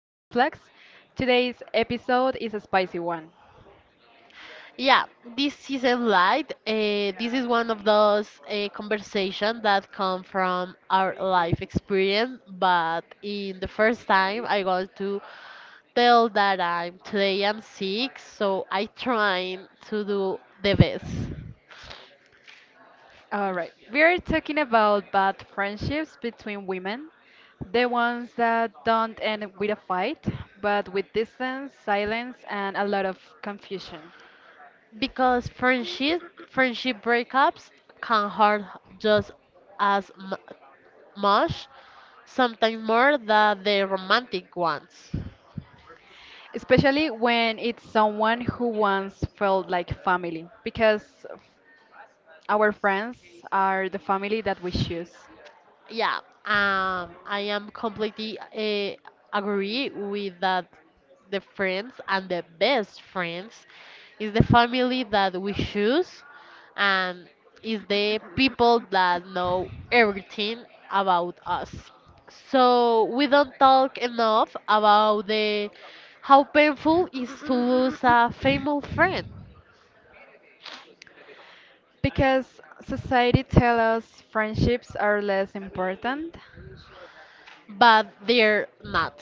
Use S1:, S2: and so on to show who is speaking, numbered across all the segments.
S1: Red Flags. Today's episode is a spicy one.
S2: Yeah, this is a light. This is one of those conversations that come from our life experience. But in the first time, I want to tell that I'm today I'm sick, so I trying to do the best
S1: Alright, we are talking about bad friendships between women, the ones that don't end with a fight, but with distance, silence, and a lot of confusion.
S2: because friendship breakups can hurt just as mu much, sometimes more than the romantic ones.
S1: Especially when it's someone who once felt like family, because our friends are the family that we choose.
S2: Yeah, I am completely agree with that. The friends and the best friends is the family that we choose, and is the people that know everything about us. So we don't talk enough about the how painful is to lose a famous friend,
S1: Because society tells us friendships are less important.
S2: but they're not.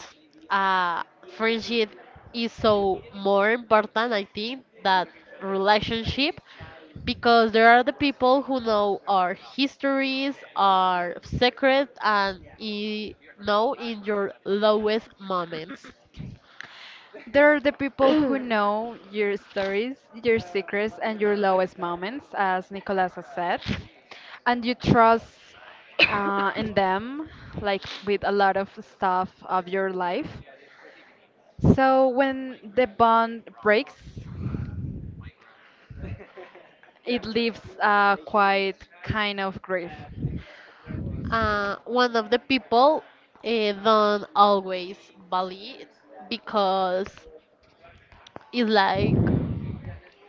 S2: Uh, Friendship is so more important, I think, that relationship because there are the people who know our histories, our secret, and know in your lowest moments.
S1: They're the people who know your stories, your secrets, and your lowest moments, as Nicolas has said. And you trust in them, like with a lot of stuff of your life. So when the bond breaks, it leaves a quite kind of grief.
S2: One of the people don't always believe because it's like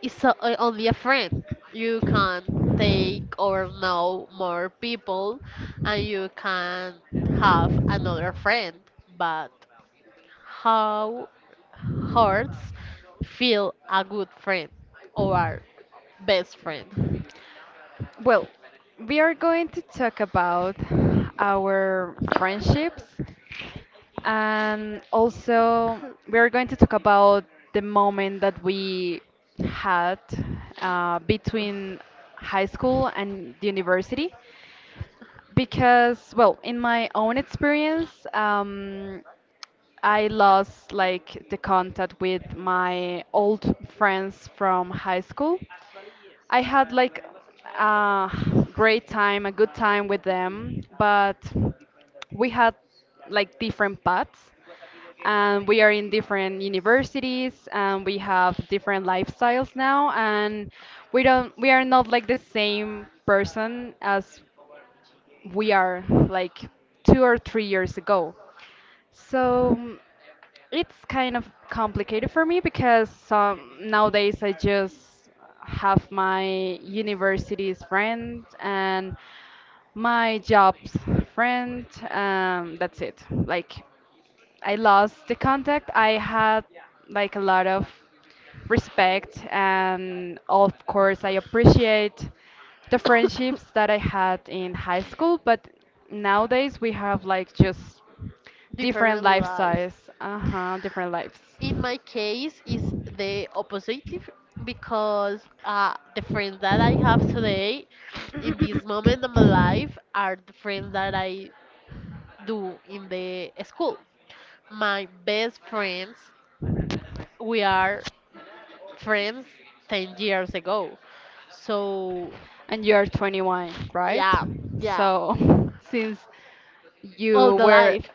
S2: it's only a friend. You can take or know more people, and you can have another friend. But how hurts feel a good friend or our best friend?
S1: Well, we are going to talk about our friendships, and also we are going to talk about the moment that we had between high school and the university because, well, in my own experience, I lost like the contact with my old friends from high school. I had like a great time, a good time with them, but we had like different paths, and we are in different universities and we have different lifestyles now, and we are not like the same person as we are like 2 or 3 years ago. So it's kind of complicated for me because nowadays I just have my university's friend and my job's friend. That's it. Like I lost the contact. I had like a lot of respect, and of course, I appreciate the friendships that I had in high school. But nowadays, we have like just different
S2: Different
S1: lifestyles.
S2: lives.
S1: Uh huh, different lives.
S2: In my case, is the opposite because the friends that I have today in this moment of my life are the friends that I do in the school. My best friends, we are friends 10 years ago. So,
S1: And you are 21, right?
S2: yeah, yeah,
S1: So since
S2: all
S1: you
S2: the
S1: were
S2: life,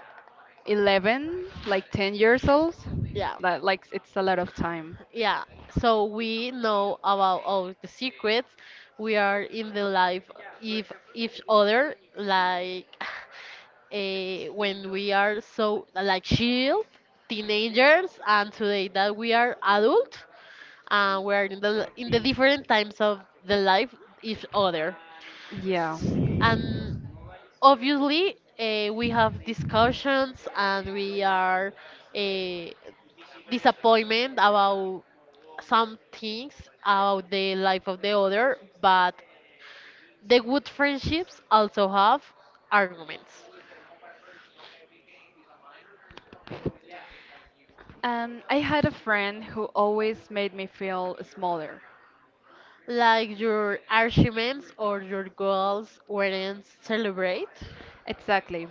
S1: 11, like 10 years old,
S2: yeah,
S1: like it's a lot of time.
S2: yeah. So we know about all the secrets. We are in the life of each other, like when we are so like child teenagers, and today that we are adult we're in the different times of the life each other,
S1: Yeah.
S2: and obviously we have discussions and we are uh, disappointment about some things about the life of the other, but the good friendships also have arguments
S1: And I had a friend who always made me feel smaller.
S2: like your arguments or your goals weren't celebrated.
S1: Exactly.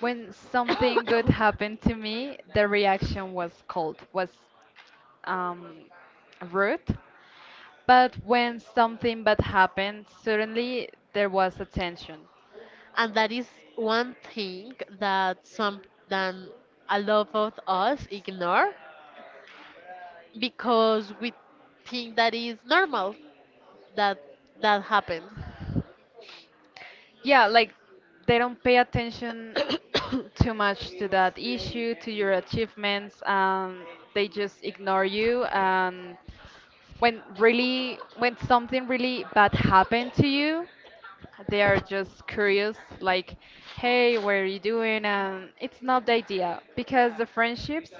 S1: When something good happened to me, the reaction was cold, was um, rude. But when something bad happened, suddenly there was attention.
S2: And that is one thing that some that a lot of us ignore because we think that is normal that that happened.
S1: Yeah, like they don't pay attention too much to that issue, to your achievements, and they just ignore you. And when really, when something really bad happened to you, they are just curious, like, hey, what are you doing? And it's not the idea because the friendships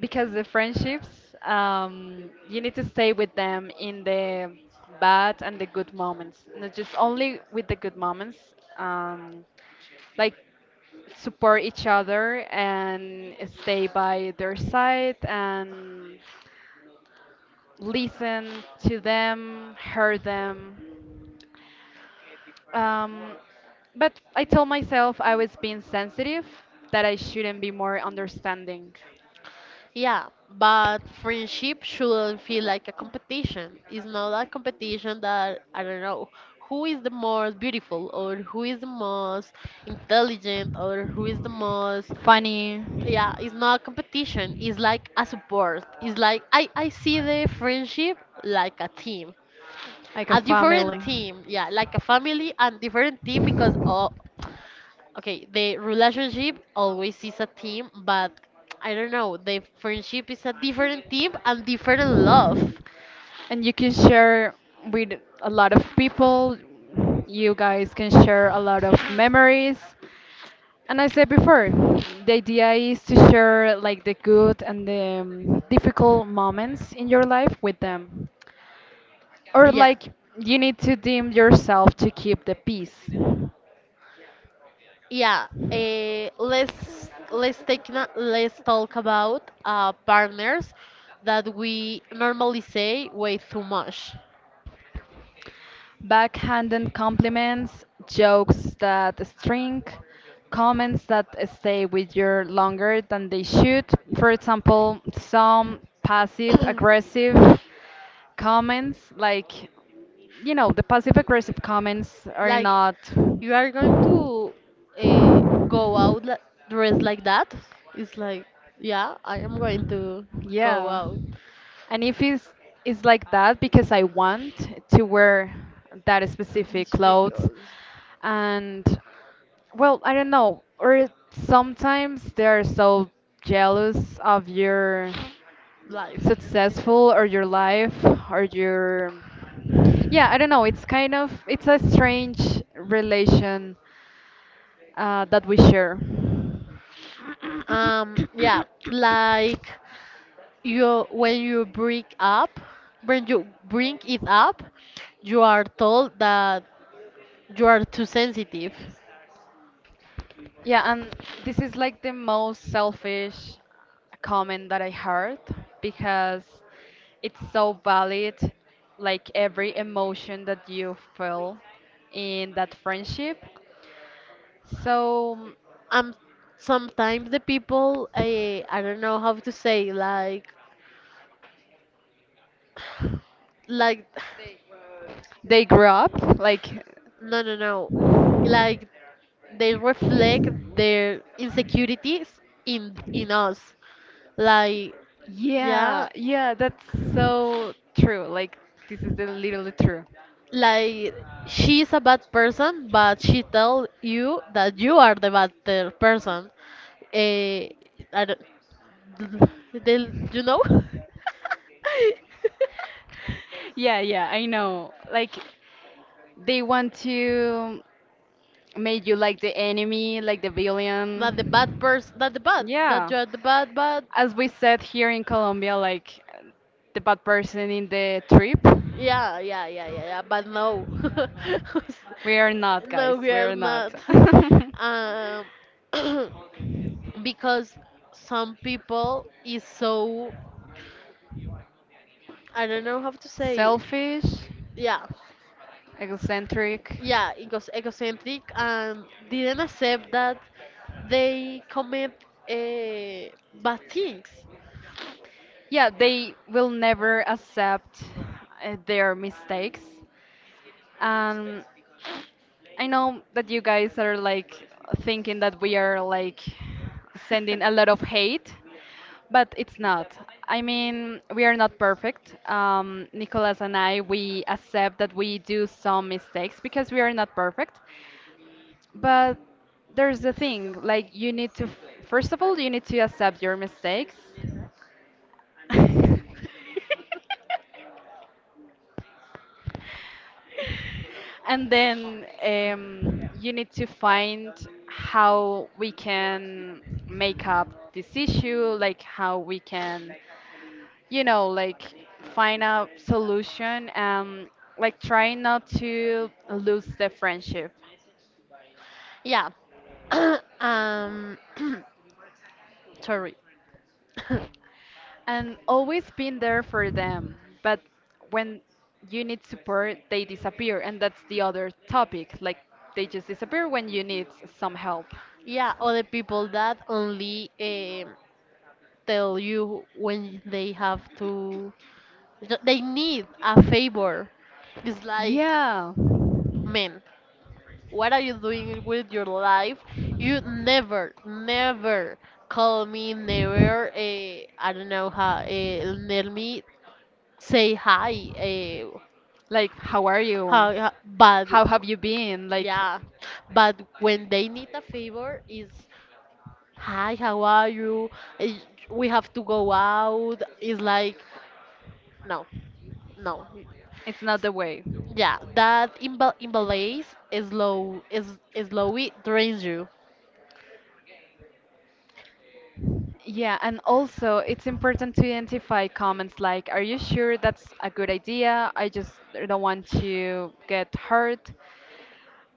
S1: because the friendships, you need to stay with them in the bad and the good moments, not just only with the good moments. um, like, support each other and stay by their side and listen to them, hear them. um, but I told myself I was being sensitive, that I shouldn't be more understanding.
S2: Yeah, but friendship shouldn't feel like a competition. It's not a competition that I don't know who is the most beautiful or who is the most intelligent or who is the most.
S1: Funny.
S2: Yeah, it's not competition, it's like a support, it's like I see the friendship like a team.
S1: Like a
S2: A different
S1: family.
S2: team, yeah, like a family and different team. Because oh, okay, the relationship always is a team, but I don't know, the friendship is a different team and different love.
S1: And you can share with a lot of people. You guys can share a lot of memories. And I said before, the idea is to share like the good and the difficult moments in your life with them. Or
S2: Yeah,
S1: like you need to deem yourself to keep the peace.
S2: yeah, let's talk about partners that we normally say way too much.
S1: Backhanded compliments, jokes that sting, comments that stay with you longer than they should. For example, some passive aggressive comments like, you know, the passive aggressive comments are
S2: Like,
S1: not...
S2: you are going to uh, go out dressed like that? It's like, yeah, I am going to go
S1: Yeah.
S2: out.
S1: And if it's, it's like that because I want to wear that specific
S2: It's
S1: clothes
S2: because
S1: and, well, I don't know. Or sometimes they are so jealous of your
S2: life.
S1: successful or your life or your... yeah, I don't know. It's kind of, it's a strange relation that we share.
S2: Yeah, like. You when you bring up when you bring it up, you are told that you are too sensitive.
S1: Yeah, and this is like the most selfish comment that I heard because it's so valid, like every emotion that you feel in that friendship. So
S2: um Sometimes the people, I don't know how to say, like
S1: they grew up, like,
S2: no, no, no, like, they reflect their insecurities in us, like, yeah.
S1: yeah, yeah, that's so true. Like, this is the literally true.
S2: Like, she's a bad person, but she tell you that you are the bad person. Eh, I don't, they, you know?
S1: Yeah, yeah, I know. Like, they want to make you like the enemy, like the
S2: Not the bad
S1: villain.
S2: person, not the bad, that
S1: Yeah.
S2: you are the bad, bad.
S1: As we said here in Colombia, like the bad person in the trip.
S2: Yeah, yeah, yeah, yeah, yeah, but no.
S1: We are not,
S2: No,
S1: guys.
S2: we
S1: We
S2: are
S1: are
S2: not.
S1: not.
S2: um, because some people is so, I don't know how to say it.
S1: Selfish,
S2: Yeah,
S1: eccentric.
S2: yeah, egos egocentric, and didn't accept that they commit bad things.
S1: Yeah, they will never accept their mistakes. Um, I know that you guys are like thinking that we are like sending a lot of hate, but it's not. I mean, we are not perfect. Nicolas and I, we accept that we do some mistakes because we are not perfect. But there's the thing, like you need to, first of all, you need to accept your mistakes. And then you need to find how we can make up this issue, like how we can, you know, like find a solution and like try not to lose the friendship,
S2: Yeah. um Sorry.
S1: and always been there for them. But when you need support, they disappear, and that's the other topic. Like they just disappear when you need some help.
S2: Yeah, other people that only tell you when they have to They need a favor. It's like,
S1: Yeah.
S2: man, what are you doing with your life? You never, never call me, never, I don't know how, let me say hi.
S1: Like, how are you?
S2: How, but,
S1: How have you been? Like,
S2: yeah, but when they need a favor, is hi, how are you? Eh, we have to go out. It's like, no, no.
S1: it's not the way.
S2: Yeah, that imbalance is low, it drains you.
S1: Yeah, and also it's important to identify comments like, are you sure that's a good idea? I just don't want to get hurt.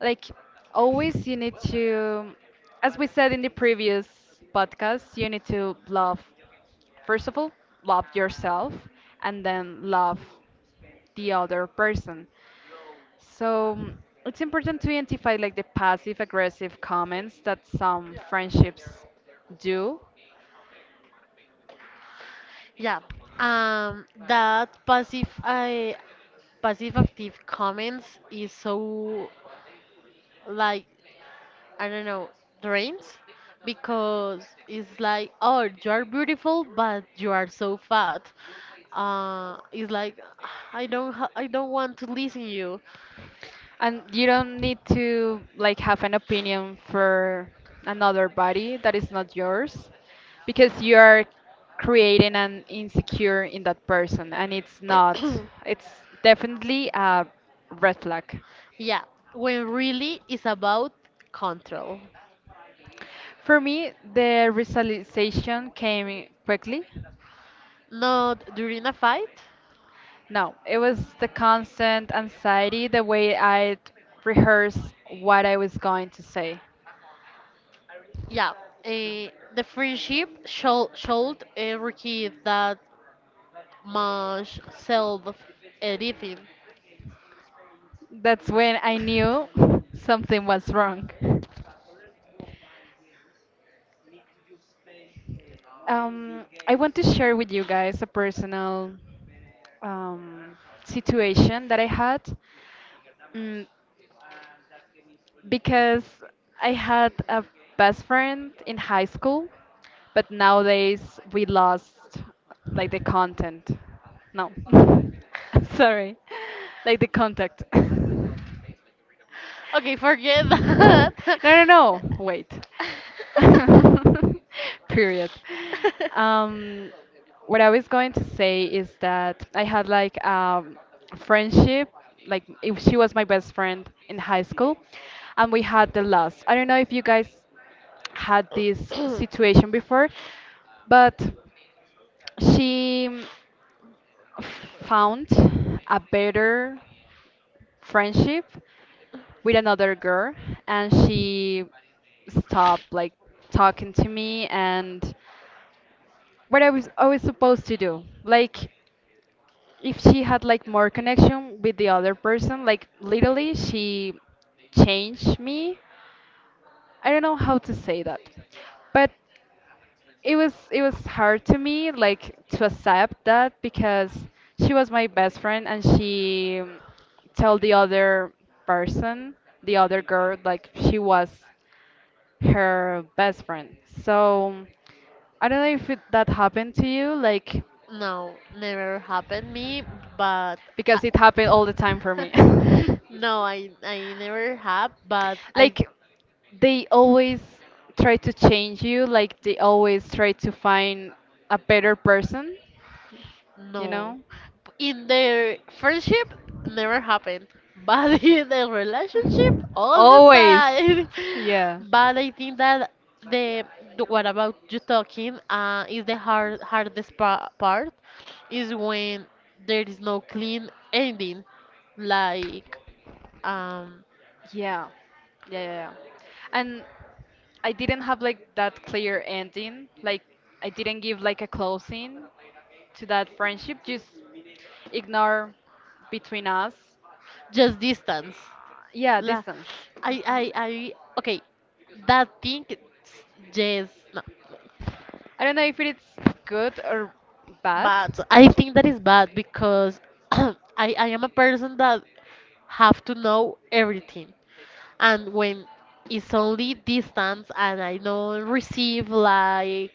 S1: Like, always you need to, as we said in the previous podcast, you need to love, first of all, love yourself and then love the other person. So it's important to identify like the passive aggressive comments that some friendships do.
S2: Yeah. That passive active comments is so, like, I don't know, drains, because it's like, oh, you are beautiful but you are so fat. It's like, I don't want to listen you.
S1: And you don't need to like have an opinion for another body that is not yours because you are creating an insecure in that person, and it's not, it's definitely a red flag.
S2: Yeah, when really it's about control.
S1: For me, the realization came quickly.
S2: Not during a fight.
S1: No, it was the constant anxiety, the way I'd rehearse what I was going to say.
S2: Yeah, uh, the friendship showed Ricky that much self editing.
S1: That's when I knew something was wrong. I want to share with you guys a personal um, situation that I had. mm, because I had a best friend in high school, but nowadays we lost like the content. No, sorry, like the contact.
S2: Okay, forget
S1: No,
S2: that.
S1: no, no. Wait. Period. Um, what I was going to say is that I had like friendship, like if she was my best friend in high school, and we had the last. I don't know if you guys had this situation before, but she found a better friendship with another girl, and she stopped like talking to me and what I was always supposed to do. Like if she had like more connection with the other person, like literally she changed me. I don't know how to say that. But it was, it was hard to me like to accept that because she was my best friend, and she told the other person, the other girl, like she was her best friend. So I don't know if it, that happened to you, like,
S2: No, never happened me, but.
S1: because it happened all the time for me.
S2: No, I never have, but I.
S1: Like they always try to change you, like they always try to find a better person, you
S2: No.
S1: know?
S2: In the friendship, never happened. But in the relationship, all the
S1: Always.
S2: time.
S1: Yeah.
S2: But I think that the what about you talking is the hardest pa part is when there is no clean ending, like, um
S1: Yeah. Yeah, yeah, yeah. And I didn't have like that clear ending. Like I didn't give like a closing to that friendship. Just ignore between us.
S2: just distance.
S1: Yeah,
S2: La,
S1: distance.
S2: I, I,
S1: Mhm.
S2: I, okay, that thing, yes, no,
S1: I don't know if it's good or bad.
S2: but I think that is bad because I am a person that have to know everything. And when it's only distance and I don't receive like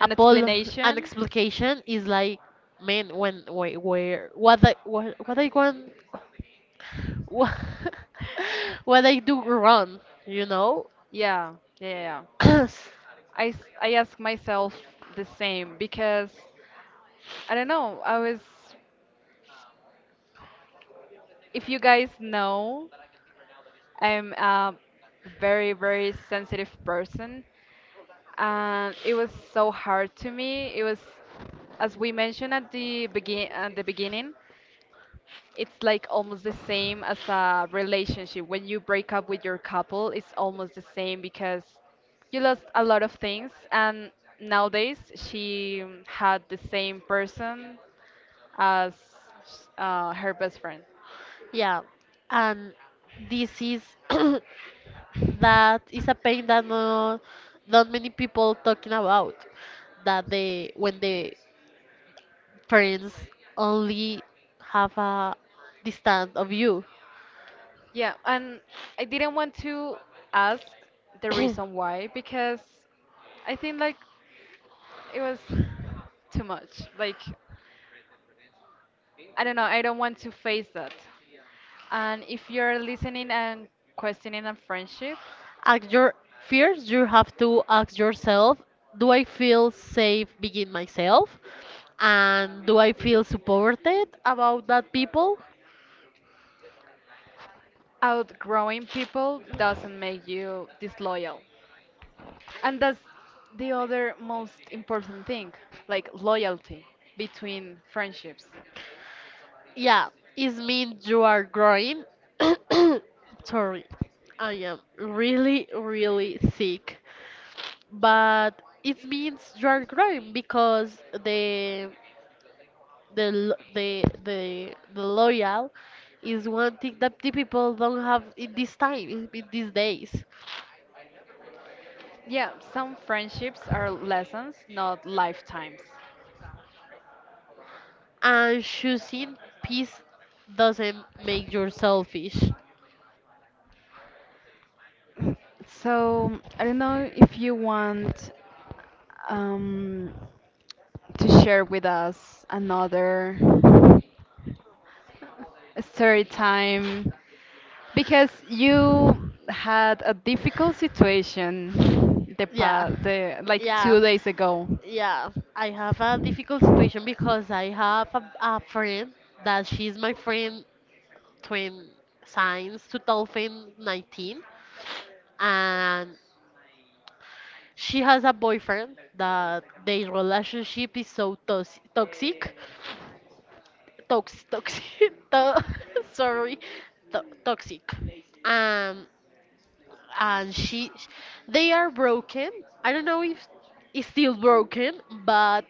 S2: a Apollo an
S1: explanation?
S2: explanation, is like, man, when, wait, where, what I want, wha- what I do wrong, you know?
S1: Yeah, yeah, yeah, yeah. I, I ask myself the same because I don't know. I was, if you guys know, I'm a very, very sensitive person. And it was so hard to me. It was, as we mentioned at the beginning, it's like almost the same as a relationship. When you break up with your couple, it's almost the same because you lost a lot of things, and nowadays she had the same person as her best friend.
S2: Yeah, and this is that is a pain that, no, not many people talking about. That they when the parents only have a distance of you.
S1: Yeah, and I didn't want to ask the reason why because I think like it was too much. Like I don't know, I don't want to face that. And if you're listening and questioning a friendship,
S2: Ask your fears. You have to ask yourself, do I feel safe being myself? And do I feel supported about that people?
S1: outgrowing people doesn't make you disloyal. And that's the other most important thing, like loyalty between friendships.
S2: Yeah, it means you are growing. Sorry, I am really, really sick. But it means you are growing because the lo- the loyal is one thing that the people don't have in this time, in these days.
S1: Yeah, some friendships are lessons, not lifetimes.
S2: And choosing peace doesn't make you selfish.
S1: So I don't know if you want um, to share with us another story time, because you had a difficult situation the
S2: Yeah.
S1: pa the like
S2: Yeah.
S1: 2 days ago.
S2: Yeah, I have a difficult situation because I have a friend that she's my friend twin since 2019. And she has a boyfriend that their relationship is so toxic, to- sorry, toxic. Um and she they are broken. I don't know if it's still broken, but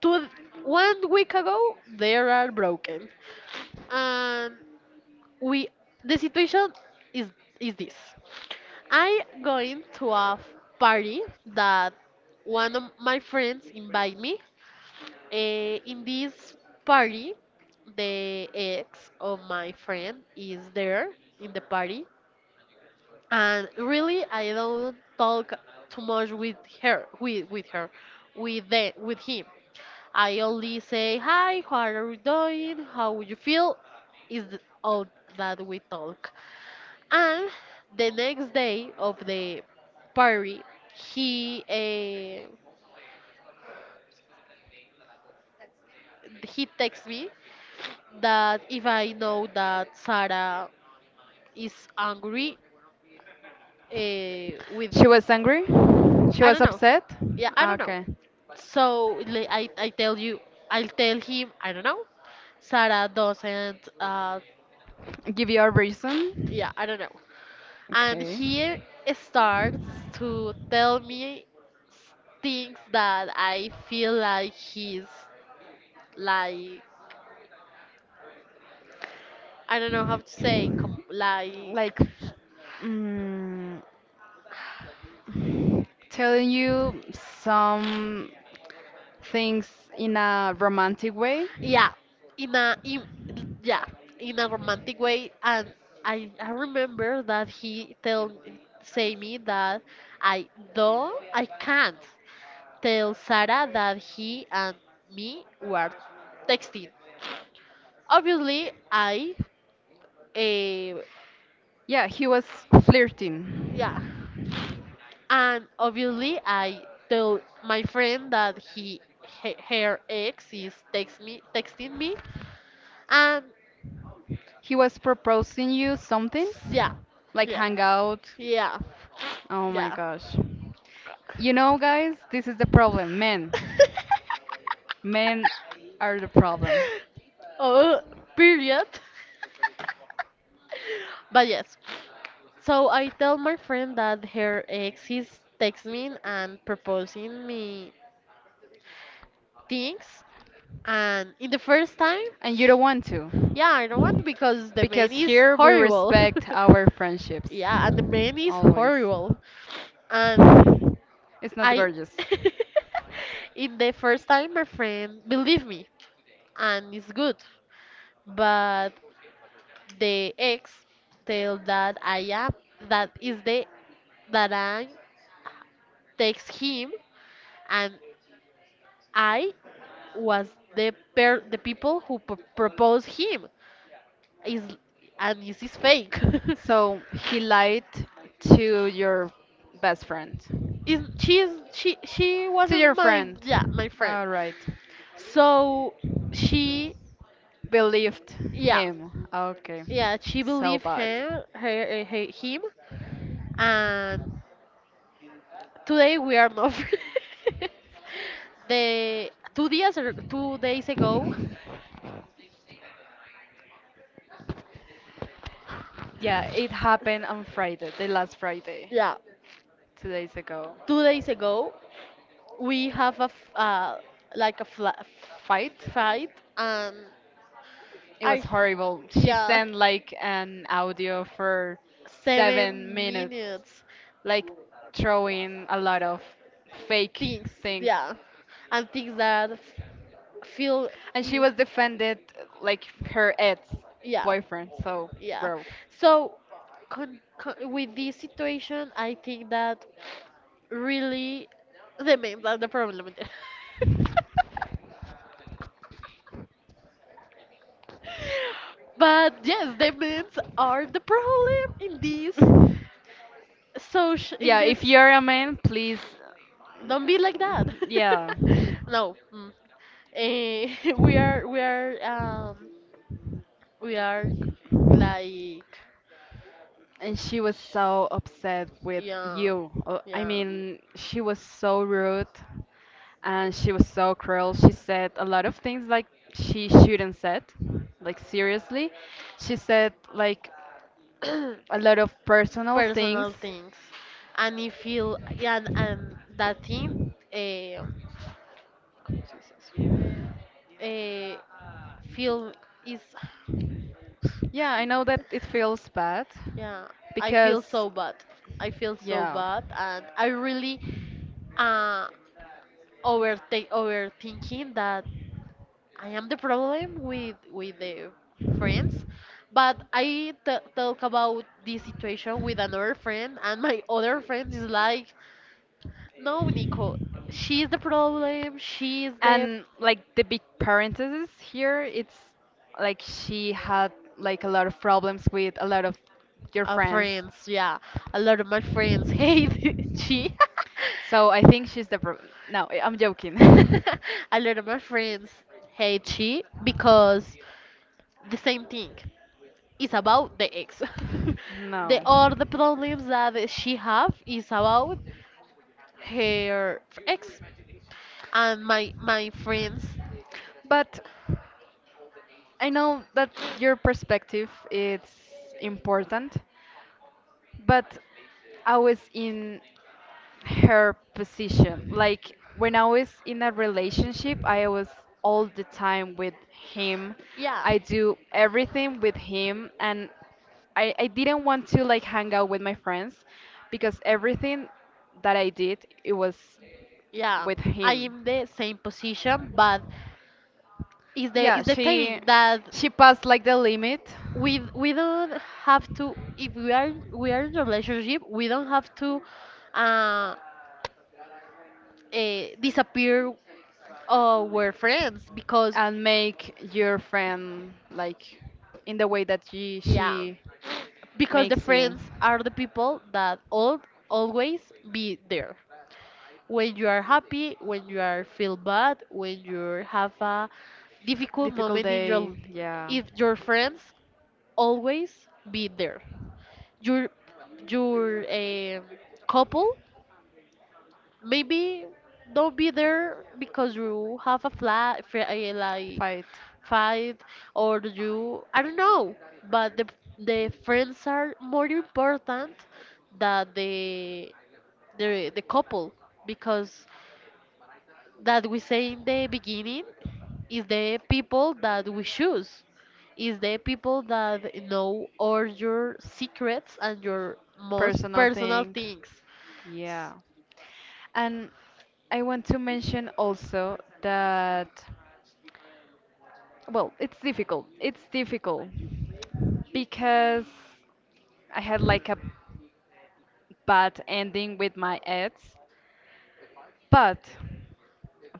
S2: two one week ago they are broken. And we the situation is is this: I going to a party that one of my friends invite me. In this party, the ex of my friend is there in the party, and really I don't talk too much with her with the, with him. I only say hi, how are you doing, how would you feel? Is all that we talk. And the next day of the party, he uh, he texts me that if I know that Sarah is angry, with.
S1: She was angry. She
S2: I
S1: was
S2: don't know.
S1: upset.
S2: Yeah, I
S1: Ah,
S2: don't know.
S1: okay.
S2: So I'll tell him, I don't know. Sarah doesn't,
S1: Give you a
S2: yeah,
S1: reason.
S2: I don't know. And
S1: Okay.
S2: he starts to tell me s- things that I feel like he's like, I don't know how to say, com
S1: Like
S2: like,
S1: mm, telling you some things in a romantic way.
S2: yeah, in a, in, yeah, in a romantic way. And I remember that he tell say me that I I can't. Tells Sarah that he and me were texting. Obviously, I, uh,
S1: Yeah, he was
S2: yeah,
S1: flirting.
S2: and obviously I told my friend that he her ex is texting me. And
S1: He was proposing you something,
S2: yeah,
S1: like
S2: yeah,
S1: hang out.
S2: yeah,
S1: Oh my
S2: yeah.
S1: gosh. You know, guys, this is the problem. Men. Men are the problem.
S2: Oh, period. But yes. So I tell my friend that her ex is texting me and proposing me things. And in the first time,
S1: And you don't want to.
S2: yeah, I don't want because the man
S1: Because
S2: is
S1: here we
S2: horrible.
S1: respect our friendships.
S2: Yeah, and the man is
S1: Always.
S2: horrible. And
S1: It's not
S2: I,
S1: gorgeous.
S2: in the first time, my friend believe me, and it's good. But the ex tell that I am, that is the, that I takes him, and I was the per the people who proposed him, is, and this is fake.
S1: So he lied to your best friend.
S2: Is she
S1: To
S2: wasn't
S1: your
S2: my,
S1: friend.
S2: yeah, my friend.
S1: All right.
S2: So she,
S1: Believed
S2: yeah,
S1: him. Okay.
S2: yeah, she
S1: So
S2: believed
S1: bad.
S2: him, her him. And today we are not friends. The two days ago,
S1: Yeah, it happened on Friday, the last Friday,
S2: yeah,
S1: 2 days ago.
S2: 2 days ago, we have a like a
S1: Fight?
S2: fight. And
S1: It was
S2: I,
S1: horrible. She
S2: yeah,
S1: sent like an audio for seven
S2: seven
S1: minutes,
S2: minutes
S1: like throwing a lot of fake
S2: things,
S1: things.
S2: yeah, and things that feel,
S1: And she
S2: i-
S1: was defended like her ex
S2: yeah,
S1: boyfriend, so
S2: yeah.
S1: bro.
S2: So with this situation I think that really the men are the problem. But yes, the men are the problem in this social, in
S1: Yeah, if
S2: this.
S1: you're a man, please.
S2: Don't be like that.
S1: Yeah.
S2: No. Mm. Eh, we are, we are, we are, like,
S1: And she was so upset with
S2: yeah,
S1: you. I
S2: yeah.
S1: mean, she was so rude and she was so cruel. She said a lot of things like she shouldn't said, like seriously. She said like a lot of personal things.
S2: Personal things, and if you, and that thing, uh, uh, feel, is.
S1: Yeah, I know that it feels bad
S2: Yeah, I feel
S1: because
S2: so bad, I feel so
S1: yeah.
S2: bad, and I really uh overtake overthinking that I am the problem with the friends. But I talk about this situation with another friend, and my other friend is like, no, Nico. She's the problem. She's the.
S1: And like the big parenthesis here, it's like she had like a lot of problems with a lot of your
S2: Our
S1: friends.
S2: friends, yeah. A lot of my friends hate she.
S1: So I think she's the no, I'm joking.
S2: A lot of my friends hate she because the same thing. Is about the ex. The
S1: No.
S2: all the problems that she have is about her ex and my friends.
S1: But I know that your perspective is important. But I was in her position. Like when I was in a relationship, I was all the time with him.
S2: Yeah,
S1: I do everything with him and I didn't want to like hang out with my friends because everything that I did it was
S2: yeah.
S1: with
S2: I
S1: him.
S2: am the same position, but it's the
S1: Yeah,
S2: it's the thing
S1: she
S2: that
S1: she passed like the limit
S2: we don't have to. If we are in a relationship, we don't have to uh, disappear our friends, because
S1: and make your friend like in the way that she
S2: yeah,
S1: she
S2: because the
S1: makes you.
S2: friends are the people that all always be there when you are happy, when you are feel bad, when you have a difficult
S1: Difficult
S2: moment in your,
S1: day, yeah.
S2: if your friends always be there. Your your couple maybe don't be there because you have a flat, like
S1: Fight.
S2: fight or you I don't know, but the friends are more important than the couple, because that we say in the beginning is the people that we choose, is the people that know all your secrets and your most
S1: Personal
S2: personal
S1: thing.
S2: things.
S1: Yeah.
S2: S-
S1: And I want to mention also that, well, it's difficult. It's difficult because I had like a bad ending with my ex, but,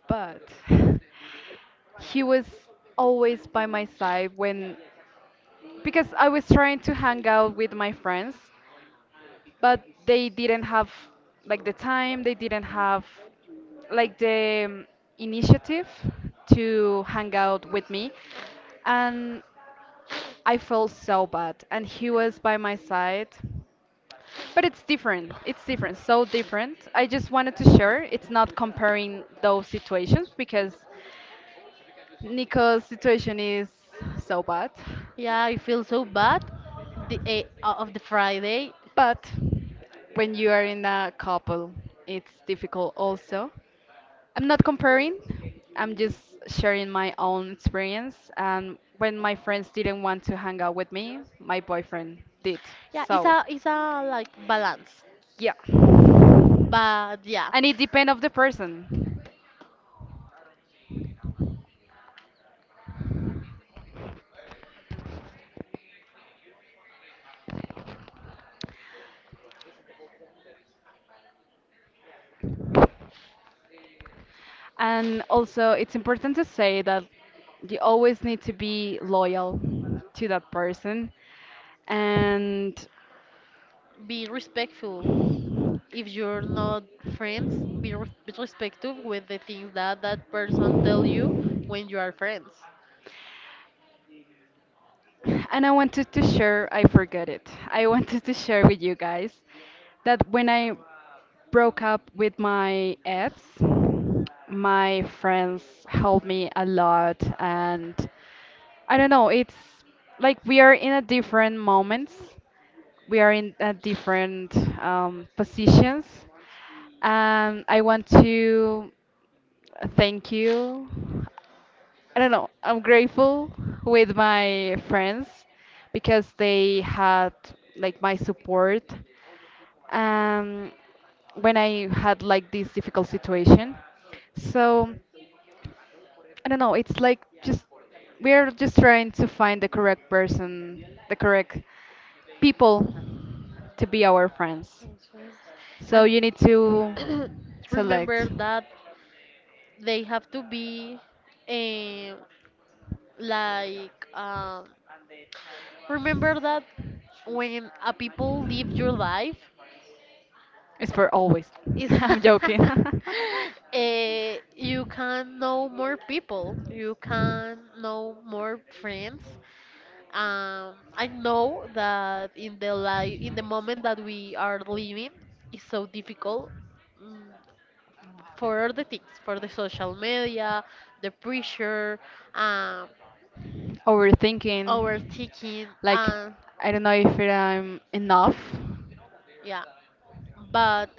S1: but he was always by my side when, because I was trying to hang out with my friends but they didn't have like the time they didn't have like the initiative to hang out with me and I felt so bad and he was by my side. But it's different, it's different, so different. I just wanted to share, it's not comparing those situations because Nico's situation is so bad.
S2: yeah, I feel so bad the of the Friday.
S1: But when you are in a couple it's difficult also. I'm not comparing. I'm just sharing my own experience. And when my friends didn't want to hang out with me, my boyfriend did.
S2: Yeah,
S1: So,
S2: it's a like balance,
S1: yeah.
S2: but yeah.
S1: And it depends of the person. And also, it's important to say that you always need to be loyal to that person. And
S2: Be respectful. If you're not friends, be respectful with the things that that person tell you when you are friends.
S1: and I wanted to share, I forgot it. I wanted to share with you guys that when I broke up with my ex. My friends helped me a lot, and I don't know, it's like we are in a different moments. We are in a different positions. And I want to thank you. I don't know. I'm grateful with my friends because they had like my support um, when I had like this difficult situation. So I don't know. It's like just we're just trying to find the correct person, the correct people to be our friends.
S2: Insurance.
S1: So you need to
S2: And remember
S1: select.
S2: that they have to be eh, like remember that when a people live your life
S1: It's for always.
S2: is
S1: I'm joking.
S2: you can know more people, you can know more friends. I know that in the life, in the moment that we are living is so difficult. Mm, for all the things, for the social media, the pressure, um,
S1: Overthinking,
S2: overthinking,
S1: like
S2: and
S1: I don't know if I'm enough,
S2: yeah. But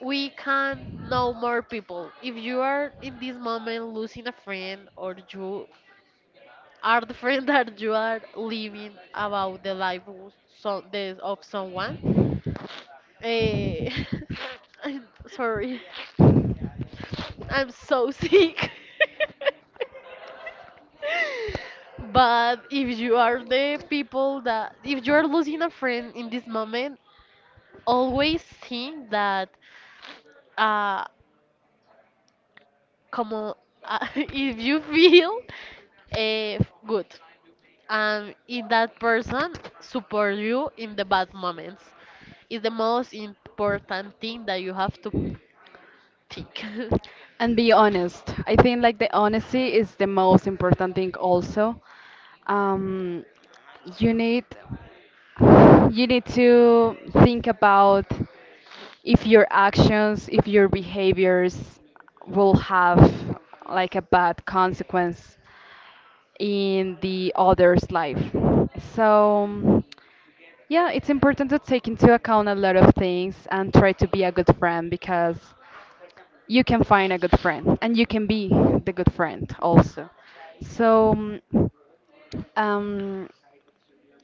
S2: we can know more people. If you are in this moment losing a friend, or you are the friend that you are living about the life of, so, the, of someone, eh, I'm sorry, I'm so sick. But if you are the people that, if you are losing a friend in this moment, always think that, uh, como, if you feel good, and if that person support you in the bad moments, is the most important thing that you have to think.
S1: and be honest. I think like the honesty is the most important thing. Also, um, you need you need to think about if your actions, if your behaviors will have like a bad consequence in the other's life. So, yeah, it's important to take into account a lot of things and try to be a good friend because you can find a good friend and you can be the good friend also. So, um,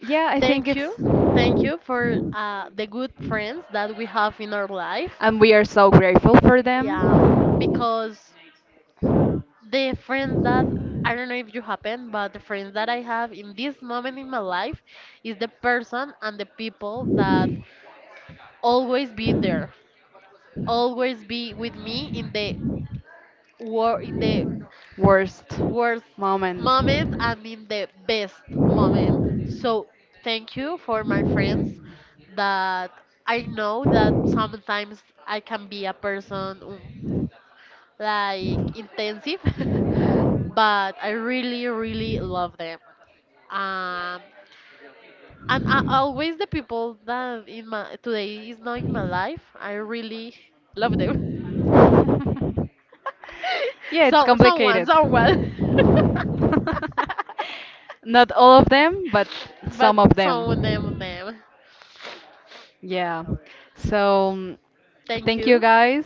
S1: yeah, I think
S2: Thank
S1: it's.
S2: you. Thank you for the good friends that we have in our life.
S1: And we are so grateful for them.
S2: Yeah, because the friends that, I don't know if you happen, but the friends that I have in this moment in my life is the person and the people that always be there, always be with me in the war, in the
S1: Worst
S2: worst
S1: moment.
S2: moment, and in the best moment. So thank you for my friends, that I know that sometimes I can be a person, mm, like intensive, but I really really love them. Um, and I, always the people that in my today is not in my life, I really love them.
S1: Yeah, it's
S2: So someone,
S1: complicated.
S2: someone.
S1: Not all of them, but
S2: But
S1: some of
S2: someone, them,
S1: them.
S2: them.
S1: Yeah. So
S2: Thank
S1: thank you
S2: you
S1: guys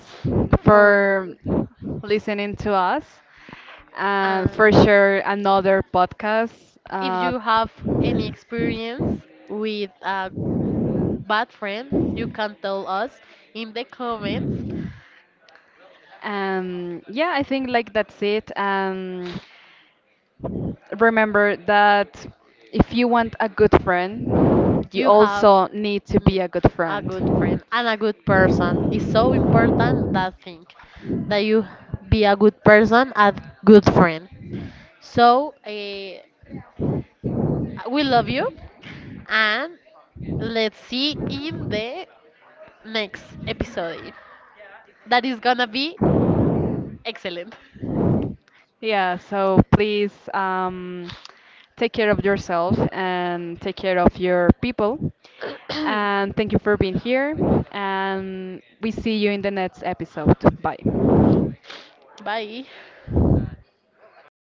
S1: for
S2: for.
S1: listening to us and for
S2: Um,
S1: sure another podcast.
S2: if
S1: Uh,
S2: you have any experience with a bad friend, you can tell us in the comments.
S1: yeah, I think like that's it. Remember that if you want a good friend, you
S2: You have
S1: also need to be
S2: me
S1: a good
S2: a good
S1: friend.
S2: friend and a good person, it's so important that thing, that you be a good person, a good friend. So we love you, and let's see in the next episode, that is gonna be excellent.
S1: Yeah, so please take care of yourself and take care of your people. And thank you for being here. And we see you in the next episode. Bye.
S2: Bye.